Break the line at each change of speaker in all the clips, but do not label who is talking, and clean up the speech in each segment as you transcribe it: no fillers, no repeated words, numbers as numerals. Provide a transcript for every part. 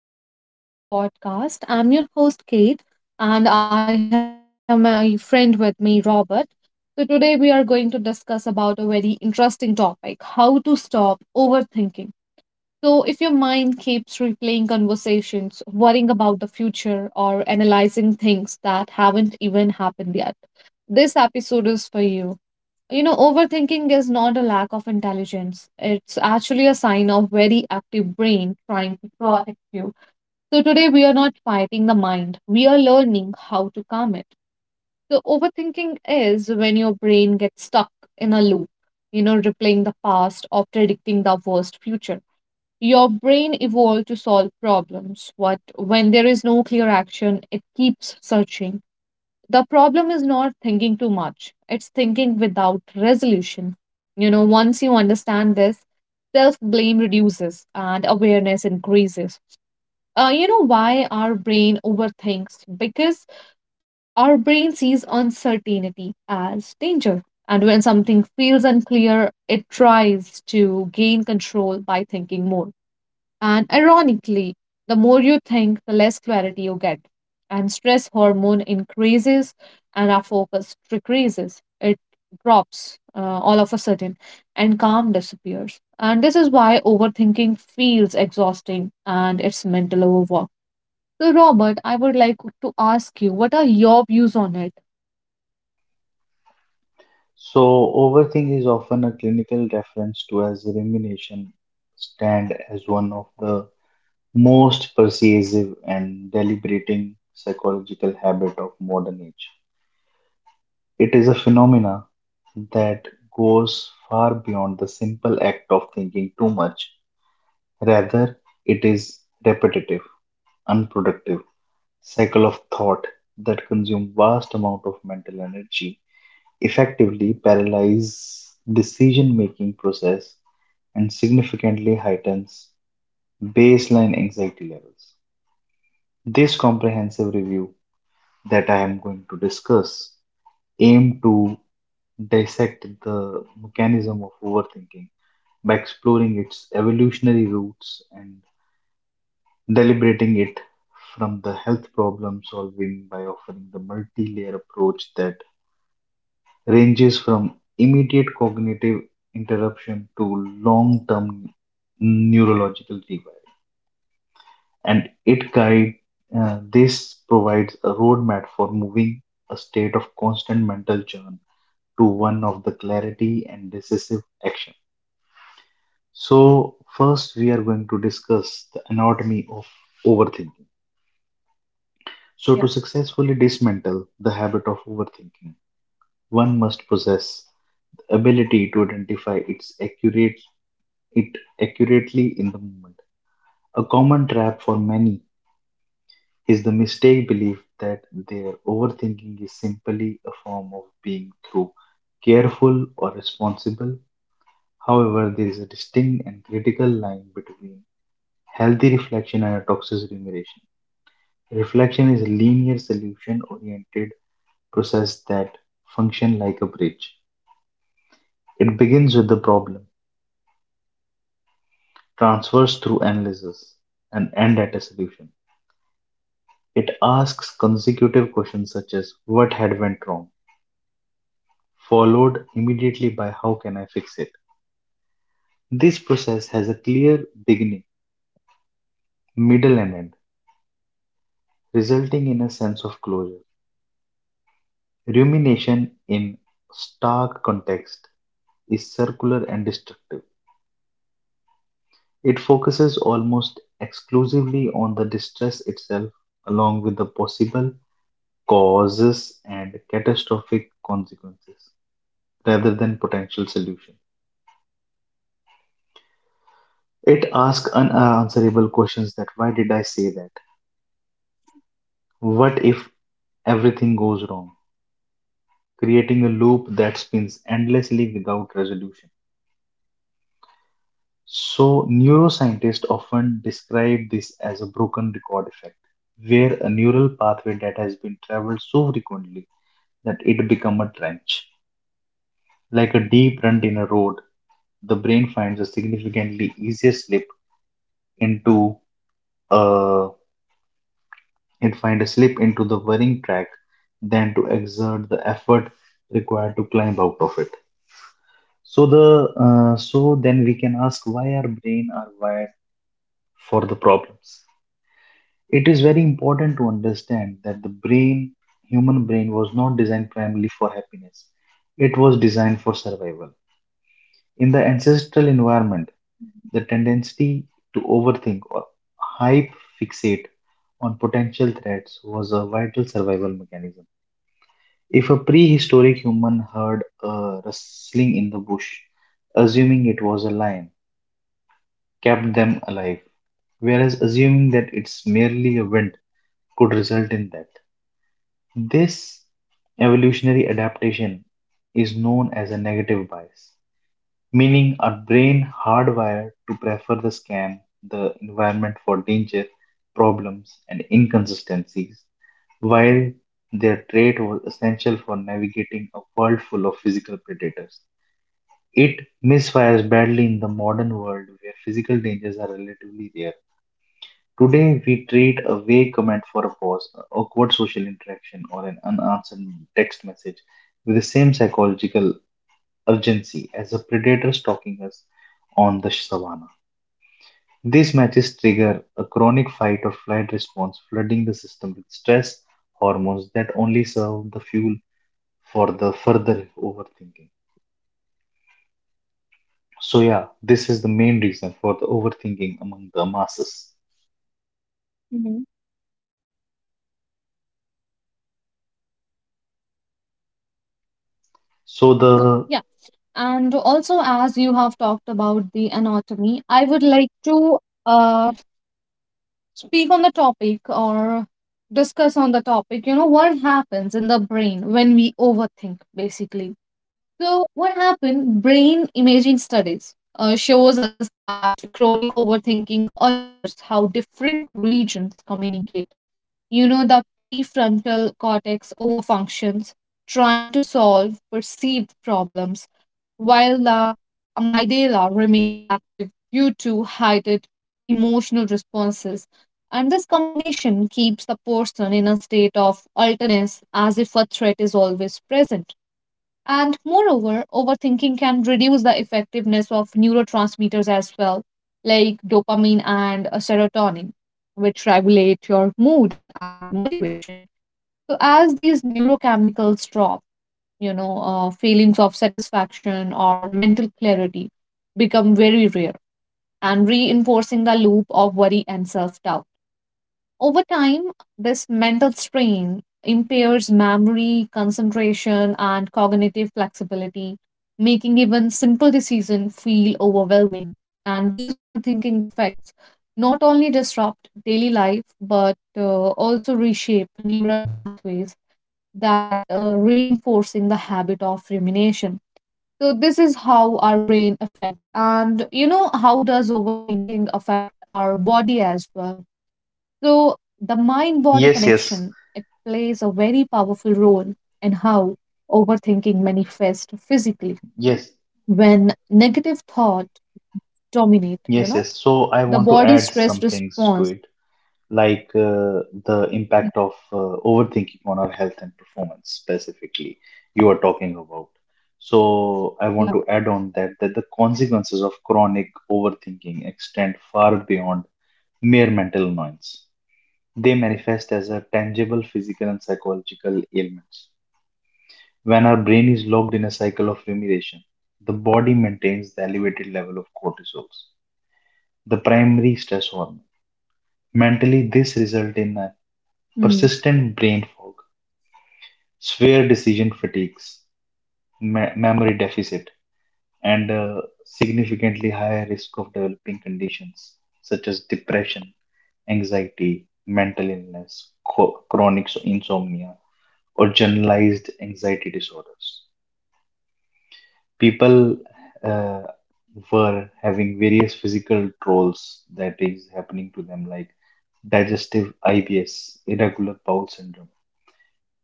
And welcome back to another podcast. I'm your host, Kate, and I have my friend with me, Robert. So, today we are going to discuss about a very interesting topic how to stop overthinking. So, if your mind keeps replaying conversations, worrying about the future, or analyzing things that haven't even happened yet, this episode is for you. Overthinking is not a lack of intelligence. It's actually a sign of very active brain trying to protect you, so today we are not fighting the mind, we are learning how to calm it. So overthinking is when your brain gets stuck in a loop, replaying the past or predicting the worst future. Your brain evolved to solve problems, but when there is no clear action, it keeps searching. The problem is not thinking too much, it's thinking without resolution. Once you understand this, self blame reduces and awareness increases. You know why our brain overthinks? Because our brain sees uncertainty as danger. And when something feels unclear, it tries to gain control by thinking more. And ironically, the more you think, the less clarity you get. And stress hormone increases and our focus decreases. It drops all of a sudden and calm disappears. And this is why overthinking feels exhausting and it's mental overwork. So, Robert, I would like to ask you, what are your views on it?
So, overthink is often a clinical reference to as rumination, stand as one of the most pervasive and deliberating psychological habit of modern age. It is a phenomena that goes far beyond the simple act of thinking too much. Rather, it is repetitive, unproductive cycle of thought that consume vast amount of mental energy, effectively paralyze decision making process and significantly heightens baseline anxiety levels. This comprehensive review that I am going to discuss aim to dissect the mechanism of overthinking by exploring its evolutionary roots and deliberating it from the health problem solving by offering the multi-layer approach that ranges from immediate cognitive interruption to long-term neurological rewire. And it guide This provides a roadmap for moving a state of constant mental churn to one of the clarity and decisive action. So first we are going to discuss the anatomy of overthinking. So to
Yeah.
successfully dismantle the habit of overthinking, one must possess the ability to identify its accurate it accurately in the moment. A common trap for many is the mistake belief that their overthinking is simply a form of being through careful or responsible. However, there is a distinct and critical line between healthy reflection and a toxic rumination. Reflection is a linear solution oriented process that function like a bridge. It begins with the problem, transfers through analysis, and end at a solution. It asks consecutive questions such as what had went wrong, followed immediately by how can I fix it. This process has a clear beginning, middle, and end, resulting in a sense of closure. Rumination in stark context is circular and destructive. It focuses almost exclusively on the distress itself, along with the possible causes and catastrophic consequences, rather than potential solutions. It asks unanswerable questions that why did I say that? What if everything goes wrong, creating a loop that spins endlessly without resolution. So, neuroscientists often describe this as a broken record effect, where a neural pathway that has been traveled so frequently that it becomes a trench. Like a deep rut in a road, the brain finds a significantly easier slip into uh, it find a slip into the worrying track than to exert the effort required to climb out of it. So then we can ask why our brain are wired for the problems. It is very important to understand that the brain, human brain, was not designed primarily for happiness. It was designed for survival. In the ancestral environment, the tendency to overthink or hype fixate on potential threats was a vital survival mechanism. If a prehistoric human heard a rustling in the bush, assuming it was a lion, kept them alive, whereas assuming that it's merely a wind could result in death. This evolutionary adaptation is known as a negative bias, meaning our brain hardwired to prefer the scam, the environment for danger, problems, and inconsistencies, while their trait was essential for navigating a world full of physical predators. It misfires badly in the modern world where physical dangers are relatively rare. Today, we trade a vague comment for a pause, an awkward social interaction, or an unanswered text message with the same psychological urgency as a predator stalking us on the savannah. These matches trigger a chronic fight or flight response, flooding the system with stress hormones that only serve the fuel for the further overthinking. So, yeah, this is the main reason for the overthinking among the masses.
Hmm.
So, the
Yeah. And also, as you have talked about the anatomy, I would like to uh, the topic or discuss on the topic, you know, what happens in the brain when we overthink, basically. So what happened? Brain imaging studies shows us that chronic overthinking alters how different regions communicate. You know, the prefrontal cortex overfunctions, trying to solve perceived problems, while the amygdala remains active due to heightened emotional responses. And this combination keeps the person in a state of alertness as if a threat is always present. And moreover, overthinking can reduce the effectiveness of neurotransmitters as well, like dopamine and serotonin, which regulate your mood and motivation. So, as these neurochemicals drop, feelings of satisfaction or mental clarity become very rare and reinforcing the loop of worry and self doubt. Over time, this mental strain impairs memory, concentration, and cognitive flexibility, making even simple decisions feel overwhelming. And these overthinking effects not only disrupt daily life but also reshape neural pathways that reinforcing the habit of rumination. So this is how our brain affect, and you know how does overthinking affect our body as well. So, the mind body
yes,
connection
yes,
plays a very powerful role in how overthinking manifests physically.
yes,
When negative thought dominate, you
yes,
know,
yes. So I
the
want to
body
add
stress
some things to
response.
it, like the impact of overthinking on our health and performance specifically you are talking about. So I want
Yeah.
to add on that that the consequences of chronic overthinking extend far beyond mere mental annoyance. They manifest as a tangible physical and psychological ailments. When our brain is locked in a cycle of rumination, the body maintains the elevated level of cortisol, the primary stress hormone. Mentally, this results in a
Mm.
persistent brain fog, severe decision fatigues, memory deficit, and a significantly higher risk of developing conditions such as depression, anxiety, mental illness, chronic insomnia, or generalized anxiety disorders. People uh, were having various physical trolls that is happening to them, like digestive IBS, irregular bowel syndrome,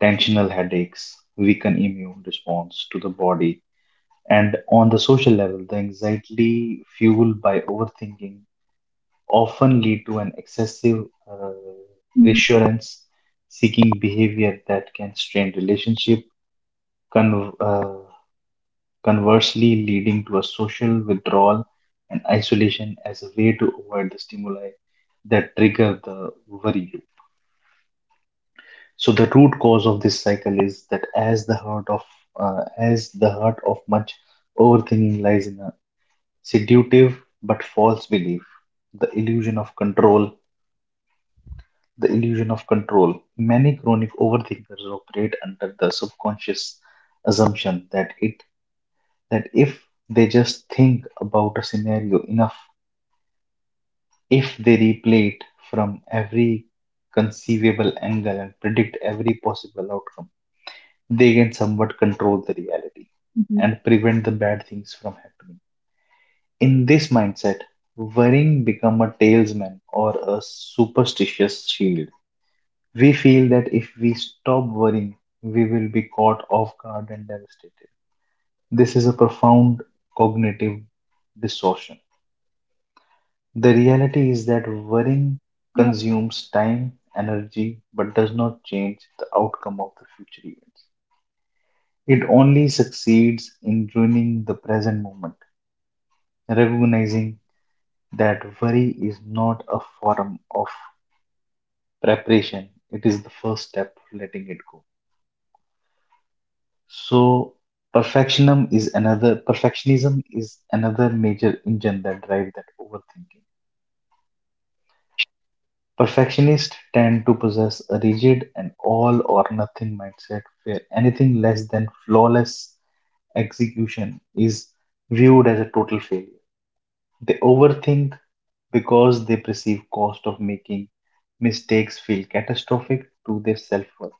tensional headaches, weaken immune response to the body, and on the social level, the anxiety fueled by overthinking often lead to an excessive uh,
Mm-hmm.
reassurance seeking behavior that can strain relationship, con- uh, conversely leading to a social withdrawal and isolation as a way to avoid the stimuli that trigger the worry. So the root cause of this cycle is that as the heart of as the heart of much overthinking lies in a seductive but false belief, the illusion of control, the illusion of control. Many chronic overthinkers operate under the subconscious assumption that if they just think about a scenario enough, if they replay it from every conceivable angle and predict every possible outcome, they can somewhat control the reality
Mm-hmm,
and prevent the bad things from happening. In this mindset, worrying become a talesman or a superstitious shield. We feel that if we stop worrying, we will be caught off guard and devastated. This is a profound cognitive distortion. The reality is that worrying
yeah.
consumes time, energy, but does not change the outcome of the future events. It only succeeds in ruining the present moment. Recognizing that worry is not a form of preparation, it is the first step of letting it go. So perfectionism is another major engine that drives that overthinking. Perfectionists tend to possess a rigid and all or nothing mindset where anything less than flawless execution is viewed as a total failure. They overthink because they perceive cost of making mistakes feel catastrophic to their self-worth.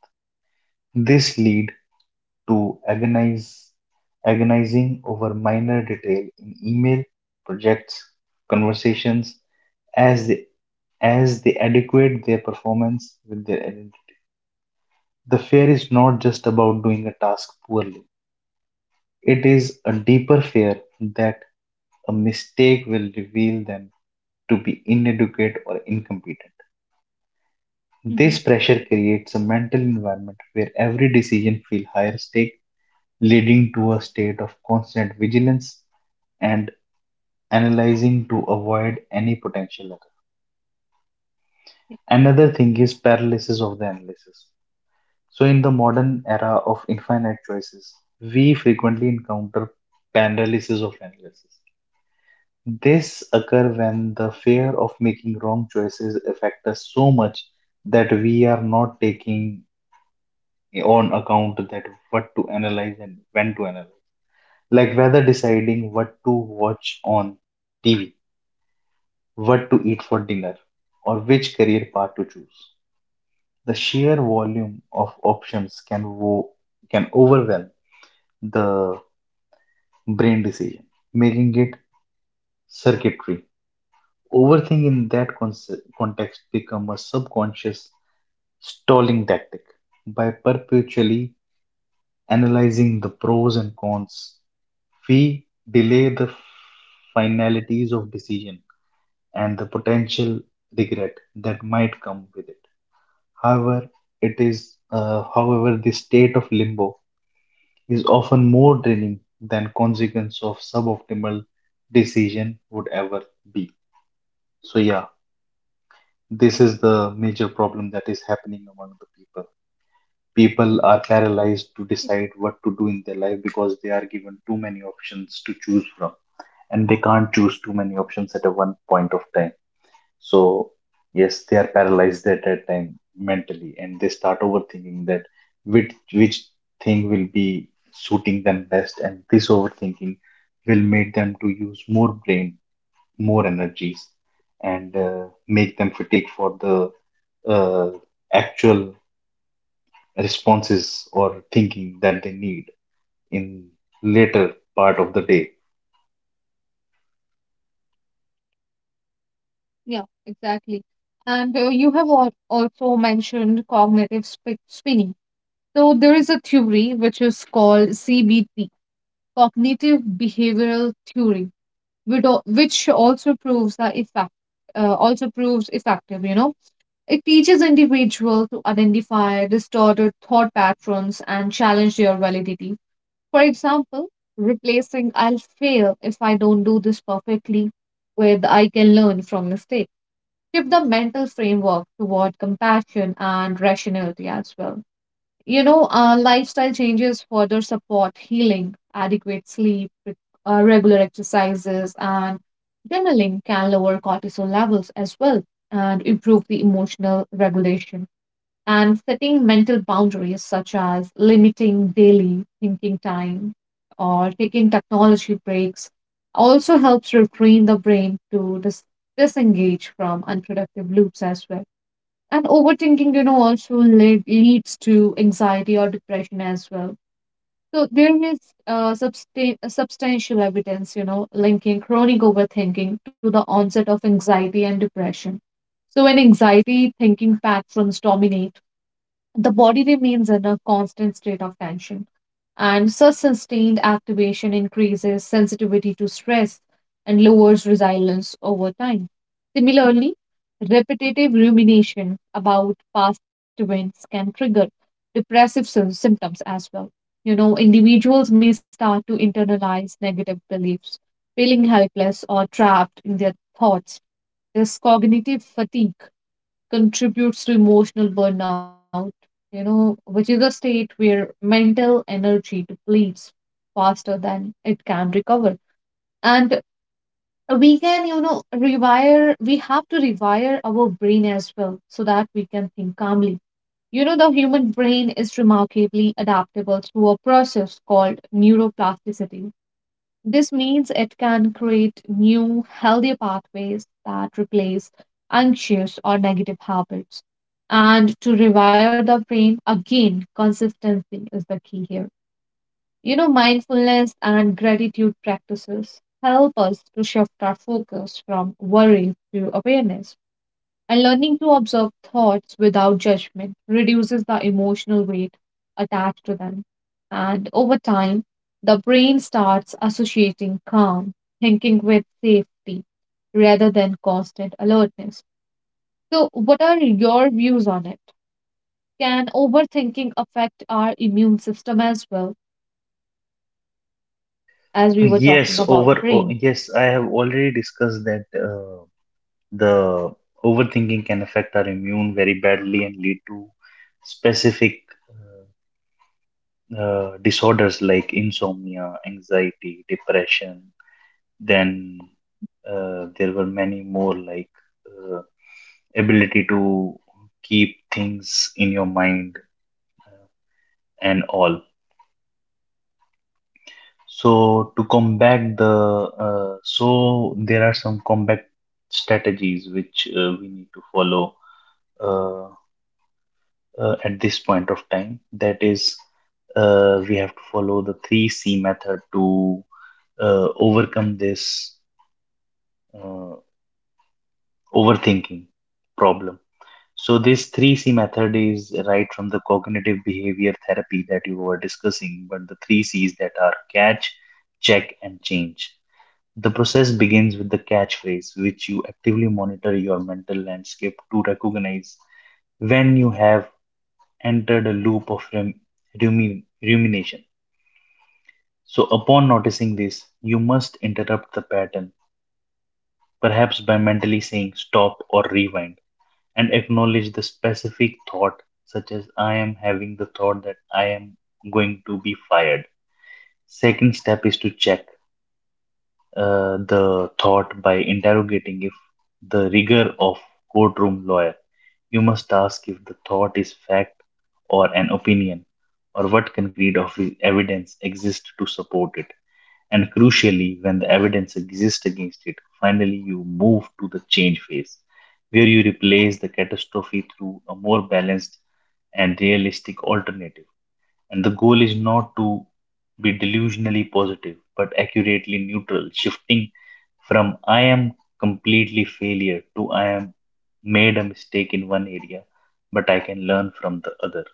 This lead to agonizing over minor detail in email, projects, conversations, as they, as they adequate their performance with their energy. The fear is not just about doing a task poorly. It is a deeper fear that a mistake will reveal them to be inadequate or incompetent. This pressure
Mhm.
creates a mental environment where every decision feels higher stake, leading to a state of constant vigilance and analyzing to avoid any potential error. Another thing is
Y-
paralysis of the analysis. So, in the modern era of infinite choices, we frequently encounter paralysis of analysis. This occurs when the fear of making wrong choices affect us so much that we are not taking on account that what to analyze and when to analyze, like whether deciding what to watch on TV, what to eat for dinner, or which career path to choose. The sheer volume of options can overwhelm the brain decision making it circuitry. Overthinking in that context become a subconscious stalling tactic. By perpetually analyzing the pros and cons, we delay the finalities of decision and the potential regret that might come with it. However, it is however the state of limbo is often more draining than consequence of suboptimal decision would ever be. So yeah, this is the major problem that is happening among the people. People are paralyzed to decide what to do in their life because they are given too many options to choose from, and they can't choose too many options at a one point of time. So yes, they are paralyzed at that time mentally, and they start overthinking that which thing will be suiting them best, and this overthinking will make them to use more brain, more energies, and make them fatigue for the uh, actual responses or thinking that they need in later part of the day.
Yeah, exactly. And you have also mentioned cognitive sp spinning. So there is a theory which is called CBT, cognitive behavioral theory, which also proves the effect, also proves effective, you know. It teaches individual to identify distorted thought patterns and challenge their validity. For example, replacing "I'll fail if I don't do this perfectly" with "I can learn from mistakes" shift the mental framework toward compassion and rationality as well. Lifestyle changes further support healing, adequate sleep, regular exercises, and journaling can lower cortisol levels as well and improve the emotional regulation, and setting mental boundaries such as limiting daily thinking time or taking technology breaks also helps retrain the brain to disengage from unproductive loops as well. And overthinking, you know, also leads to anxiety or depression as well. So there is substantial evidence, you know, linking chronic overthinking to the onset of anxiety and depression. So when anxiety thinking patterns dominate, the body remains in a constant state of tension, and such sustained activation increases sensitivity to stress and lowers resilience over time. Similarly, repetitive rumination about past events can trigger depressive symptoms as well. You know, individuals may start to internalize negative beliefs, feeling helpless or trapped in their thoughts. This cognitive fatigue contributes to emotional burnout, you know, which is a state where mental energy depletes faster than it can recover. And we can, we have to rewire our brain as well so that we can think calmly. You know, the human brain is remarkably adaptable through a process called neuroplasticity. This means it can create new, healthier pathways that replace anxious or negative habits. And to rewire the brain, again, consistency is the key here. You know, mindfulness and gratitude practices help us to shift our focus from worry to awareness. And learning to observe thoughts without judgment reduces the emotional weight attached to them. And over time, the brain starts associating calm thinking with safety rather than constant alertness. So, what are your views on it? Can overthinking affect our immune system as well, as we were talking about brain?
Yes, I have already discussed that the overthinking can affect our immune very badly and lead to specific uh, disorders like insomnia, anxiety, depression. Then there were many more like uh, ability to keep things in your mind uh, and all. So to combat the so there are some combat strategies which we need to follow uh, at this point of time. That is, we have to follow the three C method to overcome this uh, overthinking problem. So this three C method is right from the cognitive behavior therapy that you were discussing, but the three C's that are catch, check, and change. The process begins with the catchphrase, which you actively monitor your mental landscape to recognize when you have entered a loop of rumination. So, upon noticing this, you must interrupt the pattern, perhaps by mentally saying stop or rewind, and acknowledge the specific thought, such as I am having the thought that I am going to be fired. Second step is to check the thought by interrogating if the rigor of courtroom lawyer. You must ask if the thought is fact or an opinion, or what concrete of evidence exists to support it. And crucially, when the evidence exists against it, finally you move to the change phase, where you replace the catastrophe through a more balanced and realistic alternative. And the goal is not to be delusionally positive, but accurately neutral, shifting from I am completely failure to I am made a mistake in one area, but I can learn from the other.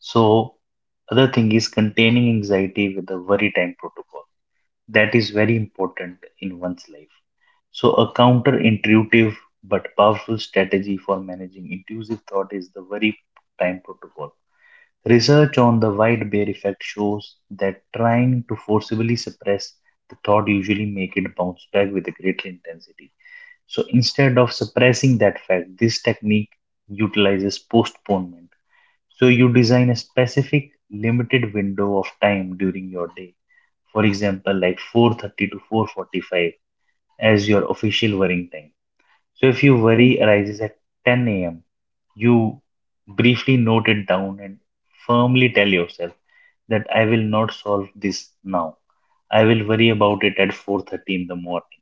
So, other thing is containing anxiety with a worry time protocol. That is very important in one's life. So, a counterintuitive but powerful strategy for managing intrusive thought is the worry time protocol. Research on the white bear effect shows that trying to forcibly suppress the thought usually make it bounce back with a greater intensity. So instead of suppressing that fact, this technique utilizes postponement. So you design a specific limited window of time during your day. For example, like 4:30 to 4:45 as your official worrying time. So if your worry arises at 10 a.m., you briefly note it down and firmly tell yourself that I will not solve this now. I will worry about it at 4:30 in the morning.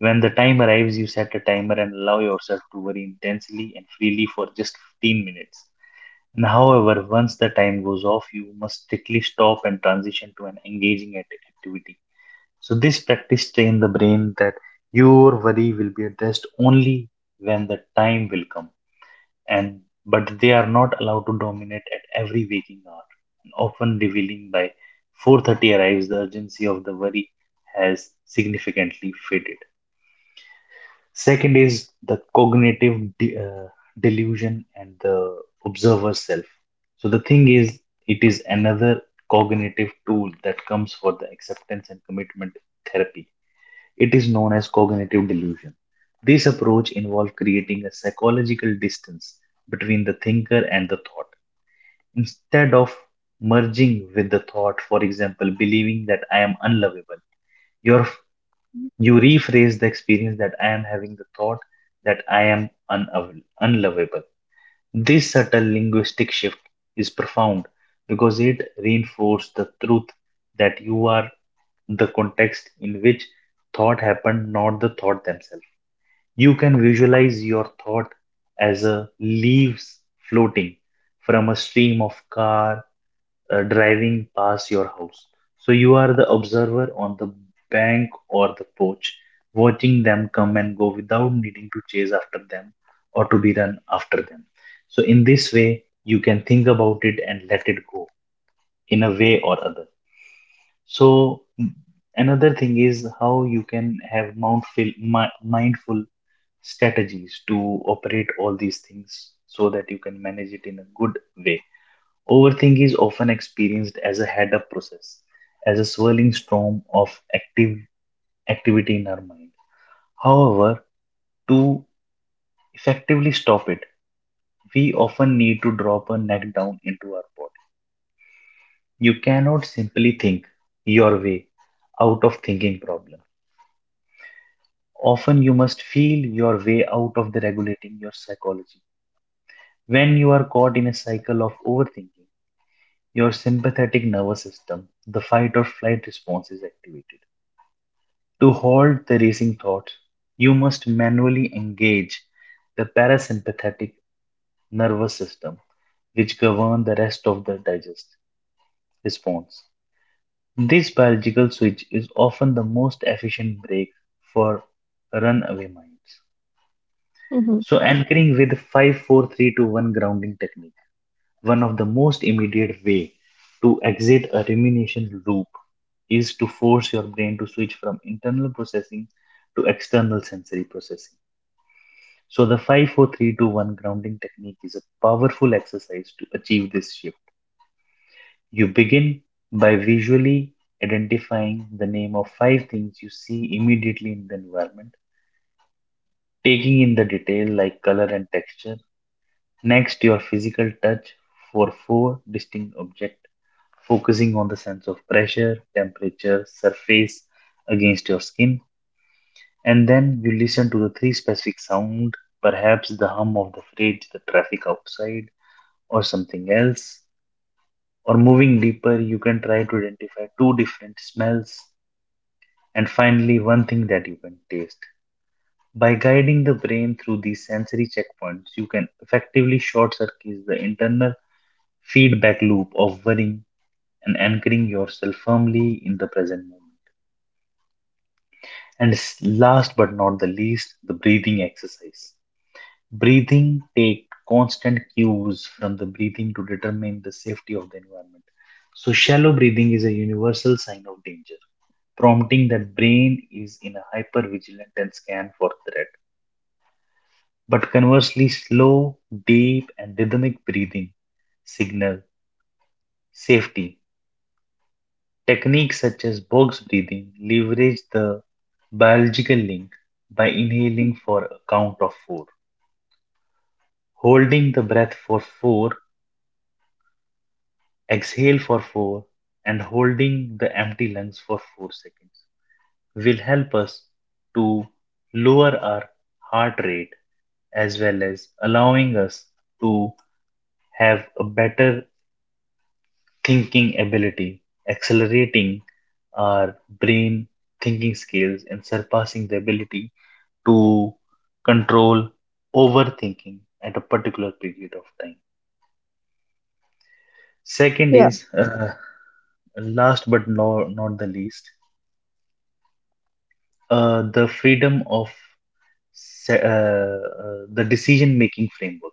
When the time arrives, you set a timer and allow yourself to worry intensely and freely for just 15 minutes. And however, once the time goes off, you must strictly stop and transition to an engaging activity. So this practice train the brain that your worry will be addressed only when the time will come and but they are not allowed to dominate at every waking hour. And often revealing by 4:30 arrives, the urgency of the worry has significantly faded. Second is the cognitive delusion and the observer self. So the thing is, it is another cognitive tool that comes for the acceptance and commitment therapy. It is known as cognitive delusion. This approach involves creating a psychological distance between the thinker and the thought. Instead of merging with the thought, for example, believing that I am unlovable, your you rephrase the experience that I am having the thought that I am unlovable. This subtle linguistic shift is profound because it reinforces the truth that you are the context in which thought happened, not the thought themselves. You can visualize your thought as a leaves floating from a stream of car driving past your house. So you are the observer on the bank or the porch, watching them come and go without needing to chase after them or to be run after them. So in this way, you can think about it and let it go in a way or other. So another thing is how you can have mindful, mindful strategies to operate all these things so that you can manage it in a good way. Overthink is often experienced as a head up process, as a swirling storm of active activity in our mind. However, to effectively stop it, we often need to drop a neck down into our body. You cannot simply think your way out of thinking problem. Often you must feel your way out of the regulating your psychology. When you are caught in a cycle of overthinking, your sympathetic nervous system, the fight or flight response is activated. To halt the racing thoughts, you must manually engage the parasympathetic nervous system, which govern the rest of the digest response. This biological switch is often the most efficient break for runaway minds.
Mm-hmm.
So anchoring with five, four, three, two, one grounding technique. One of the most immediate way to exit a rumination loop is to force your brain to switch from internal processing to external sensory processing. So the 5-4-3-2-1 grounding technique is a powerful exercise to achieve this shift. You begin by visually identifying the name of five things you see immediately in the environment, taking in the detail like color and texture. Next, your physical touch for four distinct objects, focusing on the sense of pressure, temperature, surface against your skin. And then you listen to the three specific sound, perhaps the hum of the fridge, the traffic outside, or something else. Or moving deeper, you can try to identify two different smells, and finally, one thing that you can taste. By guiding the brain through these sensory checkpoints, you can effectively short circuit the internal feedback loop of worrying and anchoring yourself firmly in the present moment. And last but not the least, the breathing exercise. Breathing take constant cues from the breathing to determine the safety of the environment. So shallow breathing is a universal sign of danger, prompting that brain is in a hyper vigilant and scan for threat. But conversely, slow, deep, and rhythmic breathing signal safety. Techniques such as box breathing leverage the biological link by inhaling for a count of four, holding the breath for four, exhale for four, and holding the empty lungs for 4 seconds will help us to lower our heart rate as well as allowing us to have a better thinking ability, accelerating our brain thinking skills and surpassing the ability to control overthinking at a particular period of time. Second
Yeah,
is, uh, Last but not the least, the freedom of the decision making framework.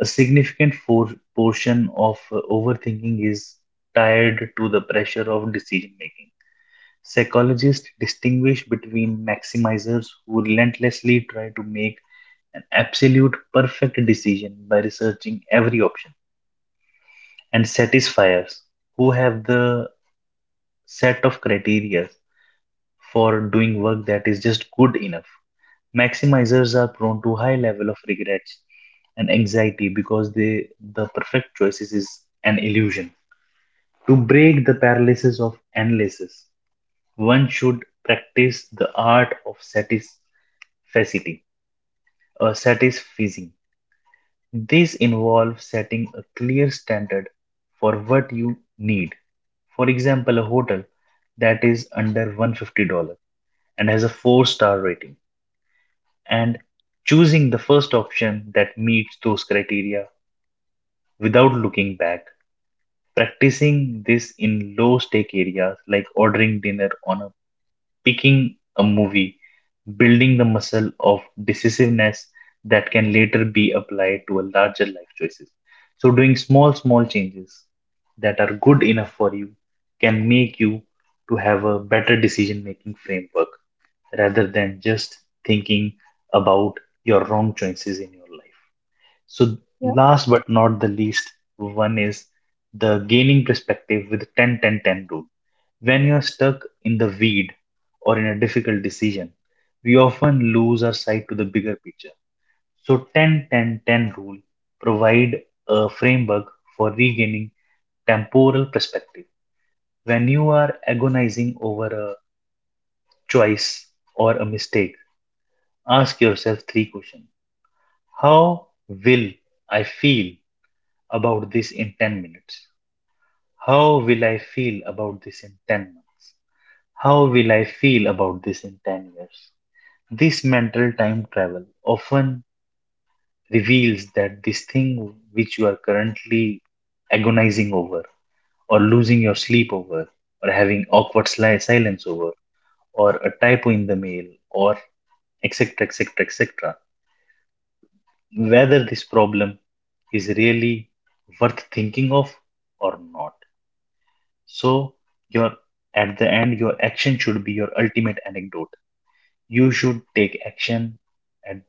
A significant portion of overthinking is tied to the pressure of decision making. Psychologists distinguish between maximizers who relentlessly try to make an absolute perfect decision by researching every option and satisfiers who have the set of criteria for doing work that is just good enough. Maximizers are prone to high level of regrets and anxiety because they the perfect choices is an illusion. To break the paralysis of analysis, one should practice the art of satisfacity or satisfying. This involves setting a clear standard for what you need. For example, a hotel that is under $150 and has a 4-star rating, and choosing the first option that meets those criteria without looking back. Practicing this in low stake areas like ordering dinner on a picking a movie, building the muscle of decisiveness that can later be applied to a larger life choices. So doing small, small changes that are good enough for you can make you to have a better decision making framework rather than just thinking about your wrong choices in your life. So,
yeah,
last but not the least, one is the gaining perspective with 10 10 10 rule. When you're stuck in the weed or in a difficult decision, we often lose our sight to the bigger picture. So 10 10 10 rule provide a framework for regaining temporal perspective. When you are agonizing over a choice or a mistake, ask yourself three questions. How will I feel about this in 10 minutes? How will I feel about this in 10 months? How will I feel about this in 10 years? This mental time travel often reveals that this thing which you are currently agonizing over, or losing your sleep over, or having awkward silence over, or a typo in the mail, or etc. etc. etc. Whether this problem is really worth thinking of or not. So your at the end, your action should be your ultimate anecdote. You should take action. At the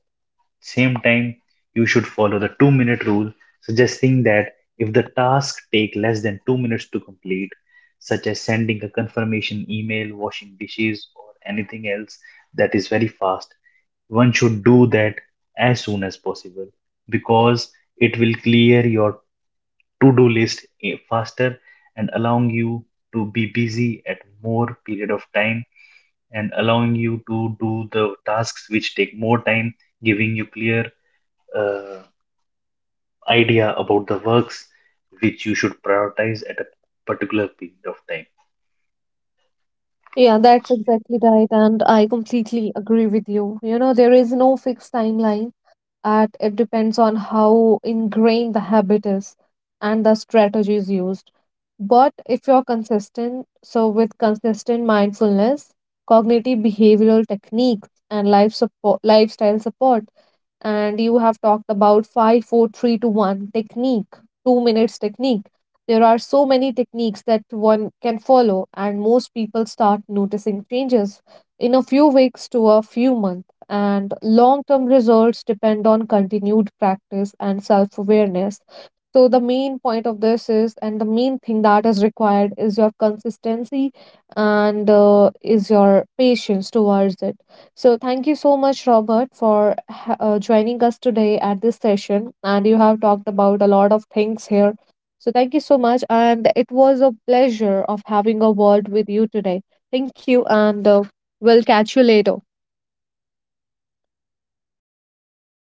same time, you should follow the 2-minute rule, suggesting that if the task take less than 2 minutes to complete, such as sending a confirmation email, washing dishes, or anything else that is very fast, one should do that as soon as possible because it will clear your to-do list faster and allowing you to be busy at more period of time and allowing you to do the tasks which take more time giving you clear uh, idea about the works which you should prioritize at a particular period of time.
yeah, that's exactly right. And I completely agree with you. You know, there is no fixed timeline, at it depends on how ingrained the habit is and the strategies used. But if you're consistent, so with consistent mindfulness, cognitive behavioral techniques, and life support, lifestyle support, and you have talked about five, four, three to one technique, 2 minutes technique. There are so many techniques that one can follow, and most people start noticing changes in a few weeks to a few months, and long term results depend on continued practice and self awareness. So, the main point of this is, and the main thing that is required is your consistency, and is your patience towards it. So, thank you so much, Robert, for joining us today at this session. And you have talked about a lot of things here. So, thank you so much. And it was a pleasure of having a word with you today. Thank you, and we'll catch you later.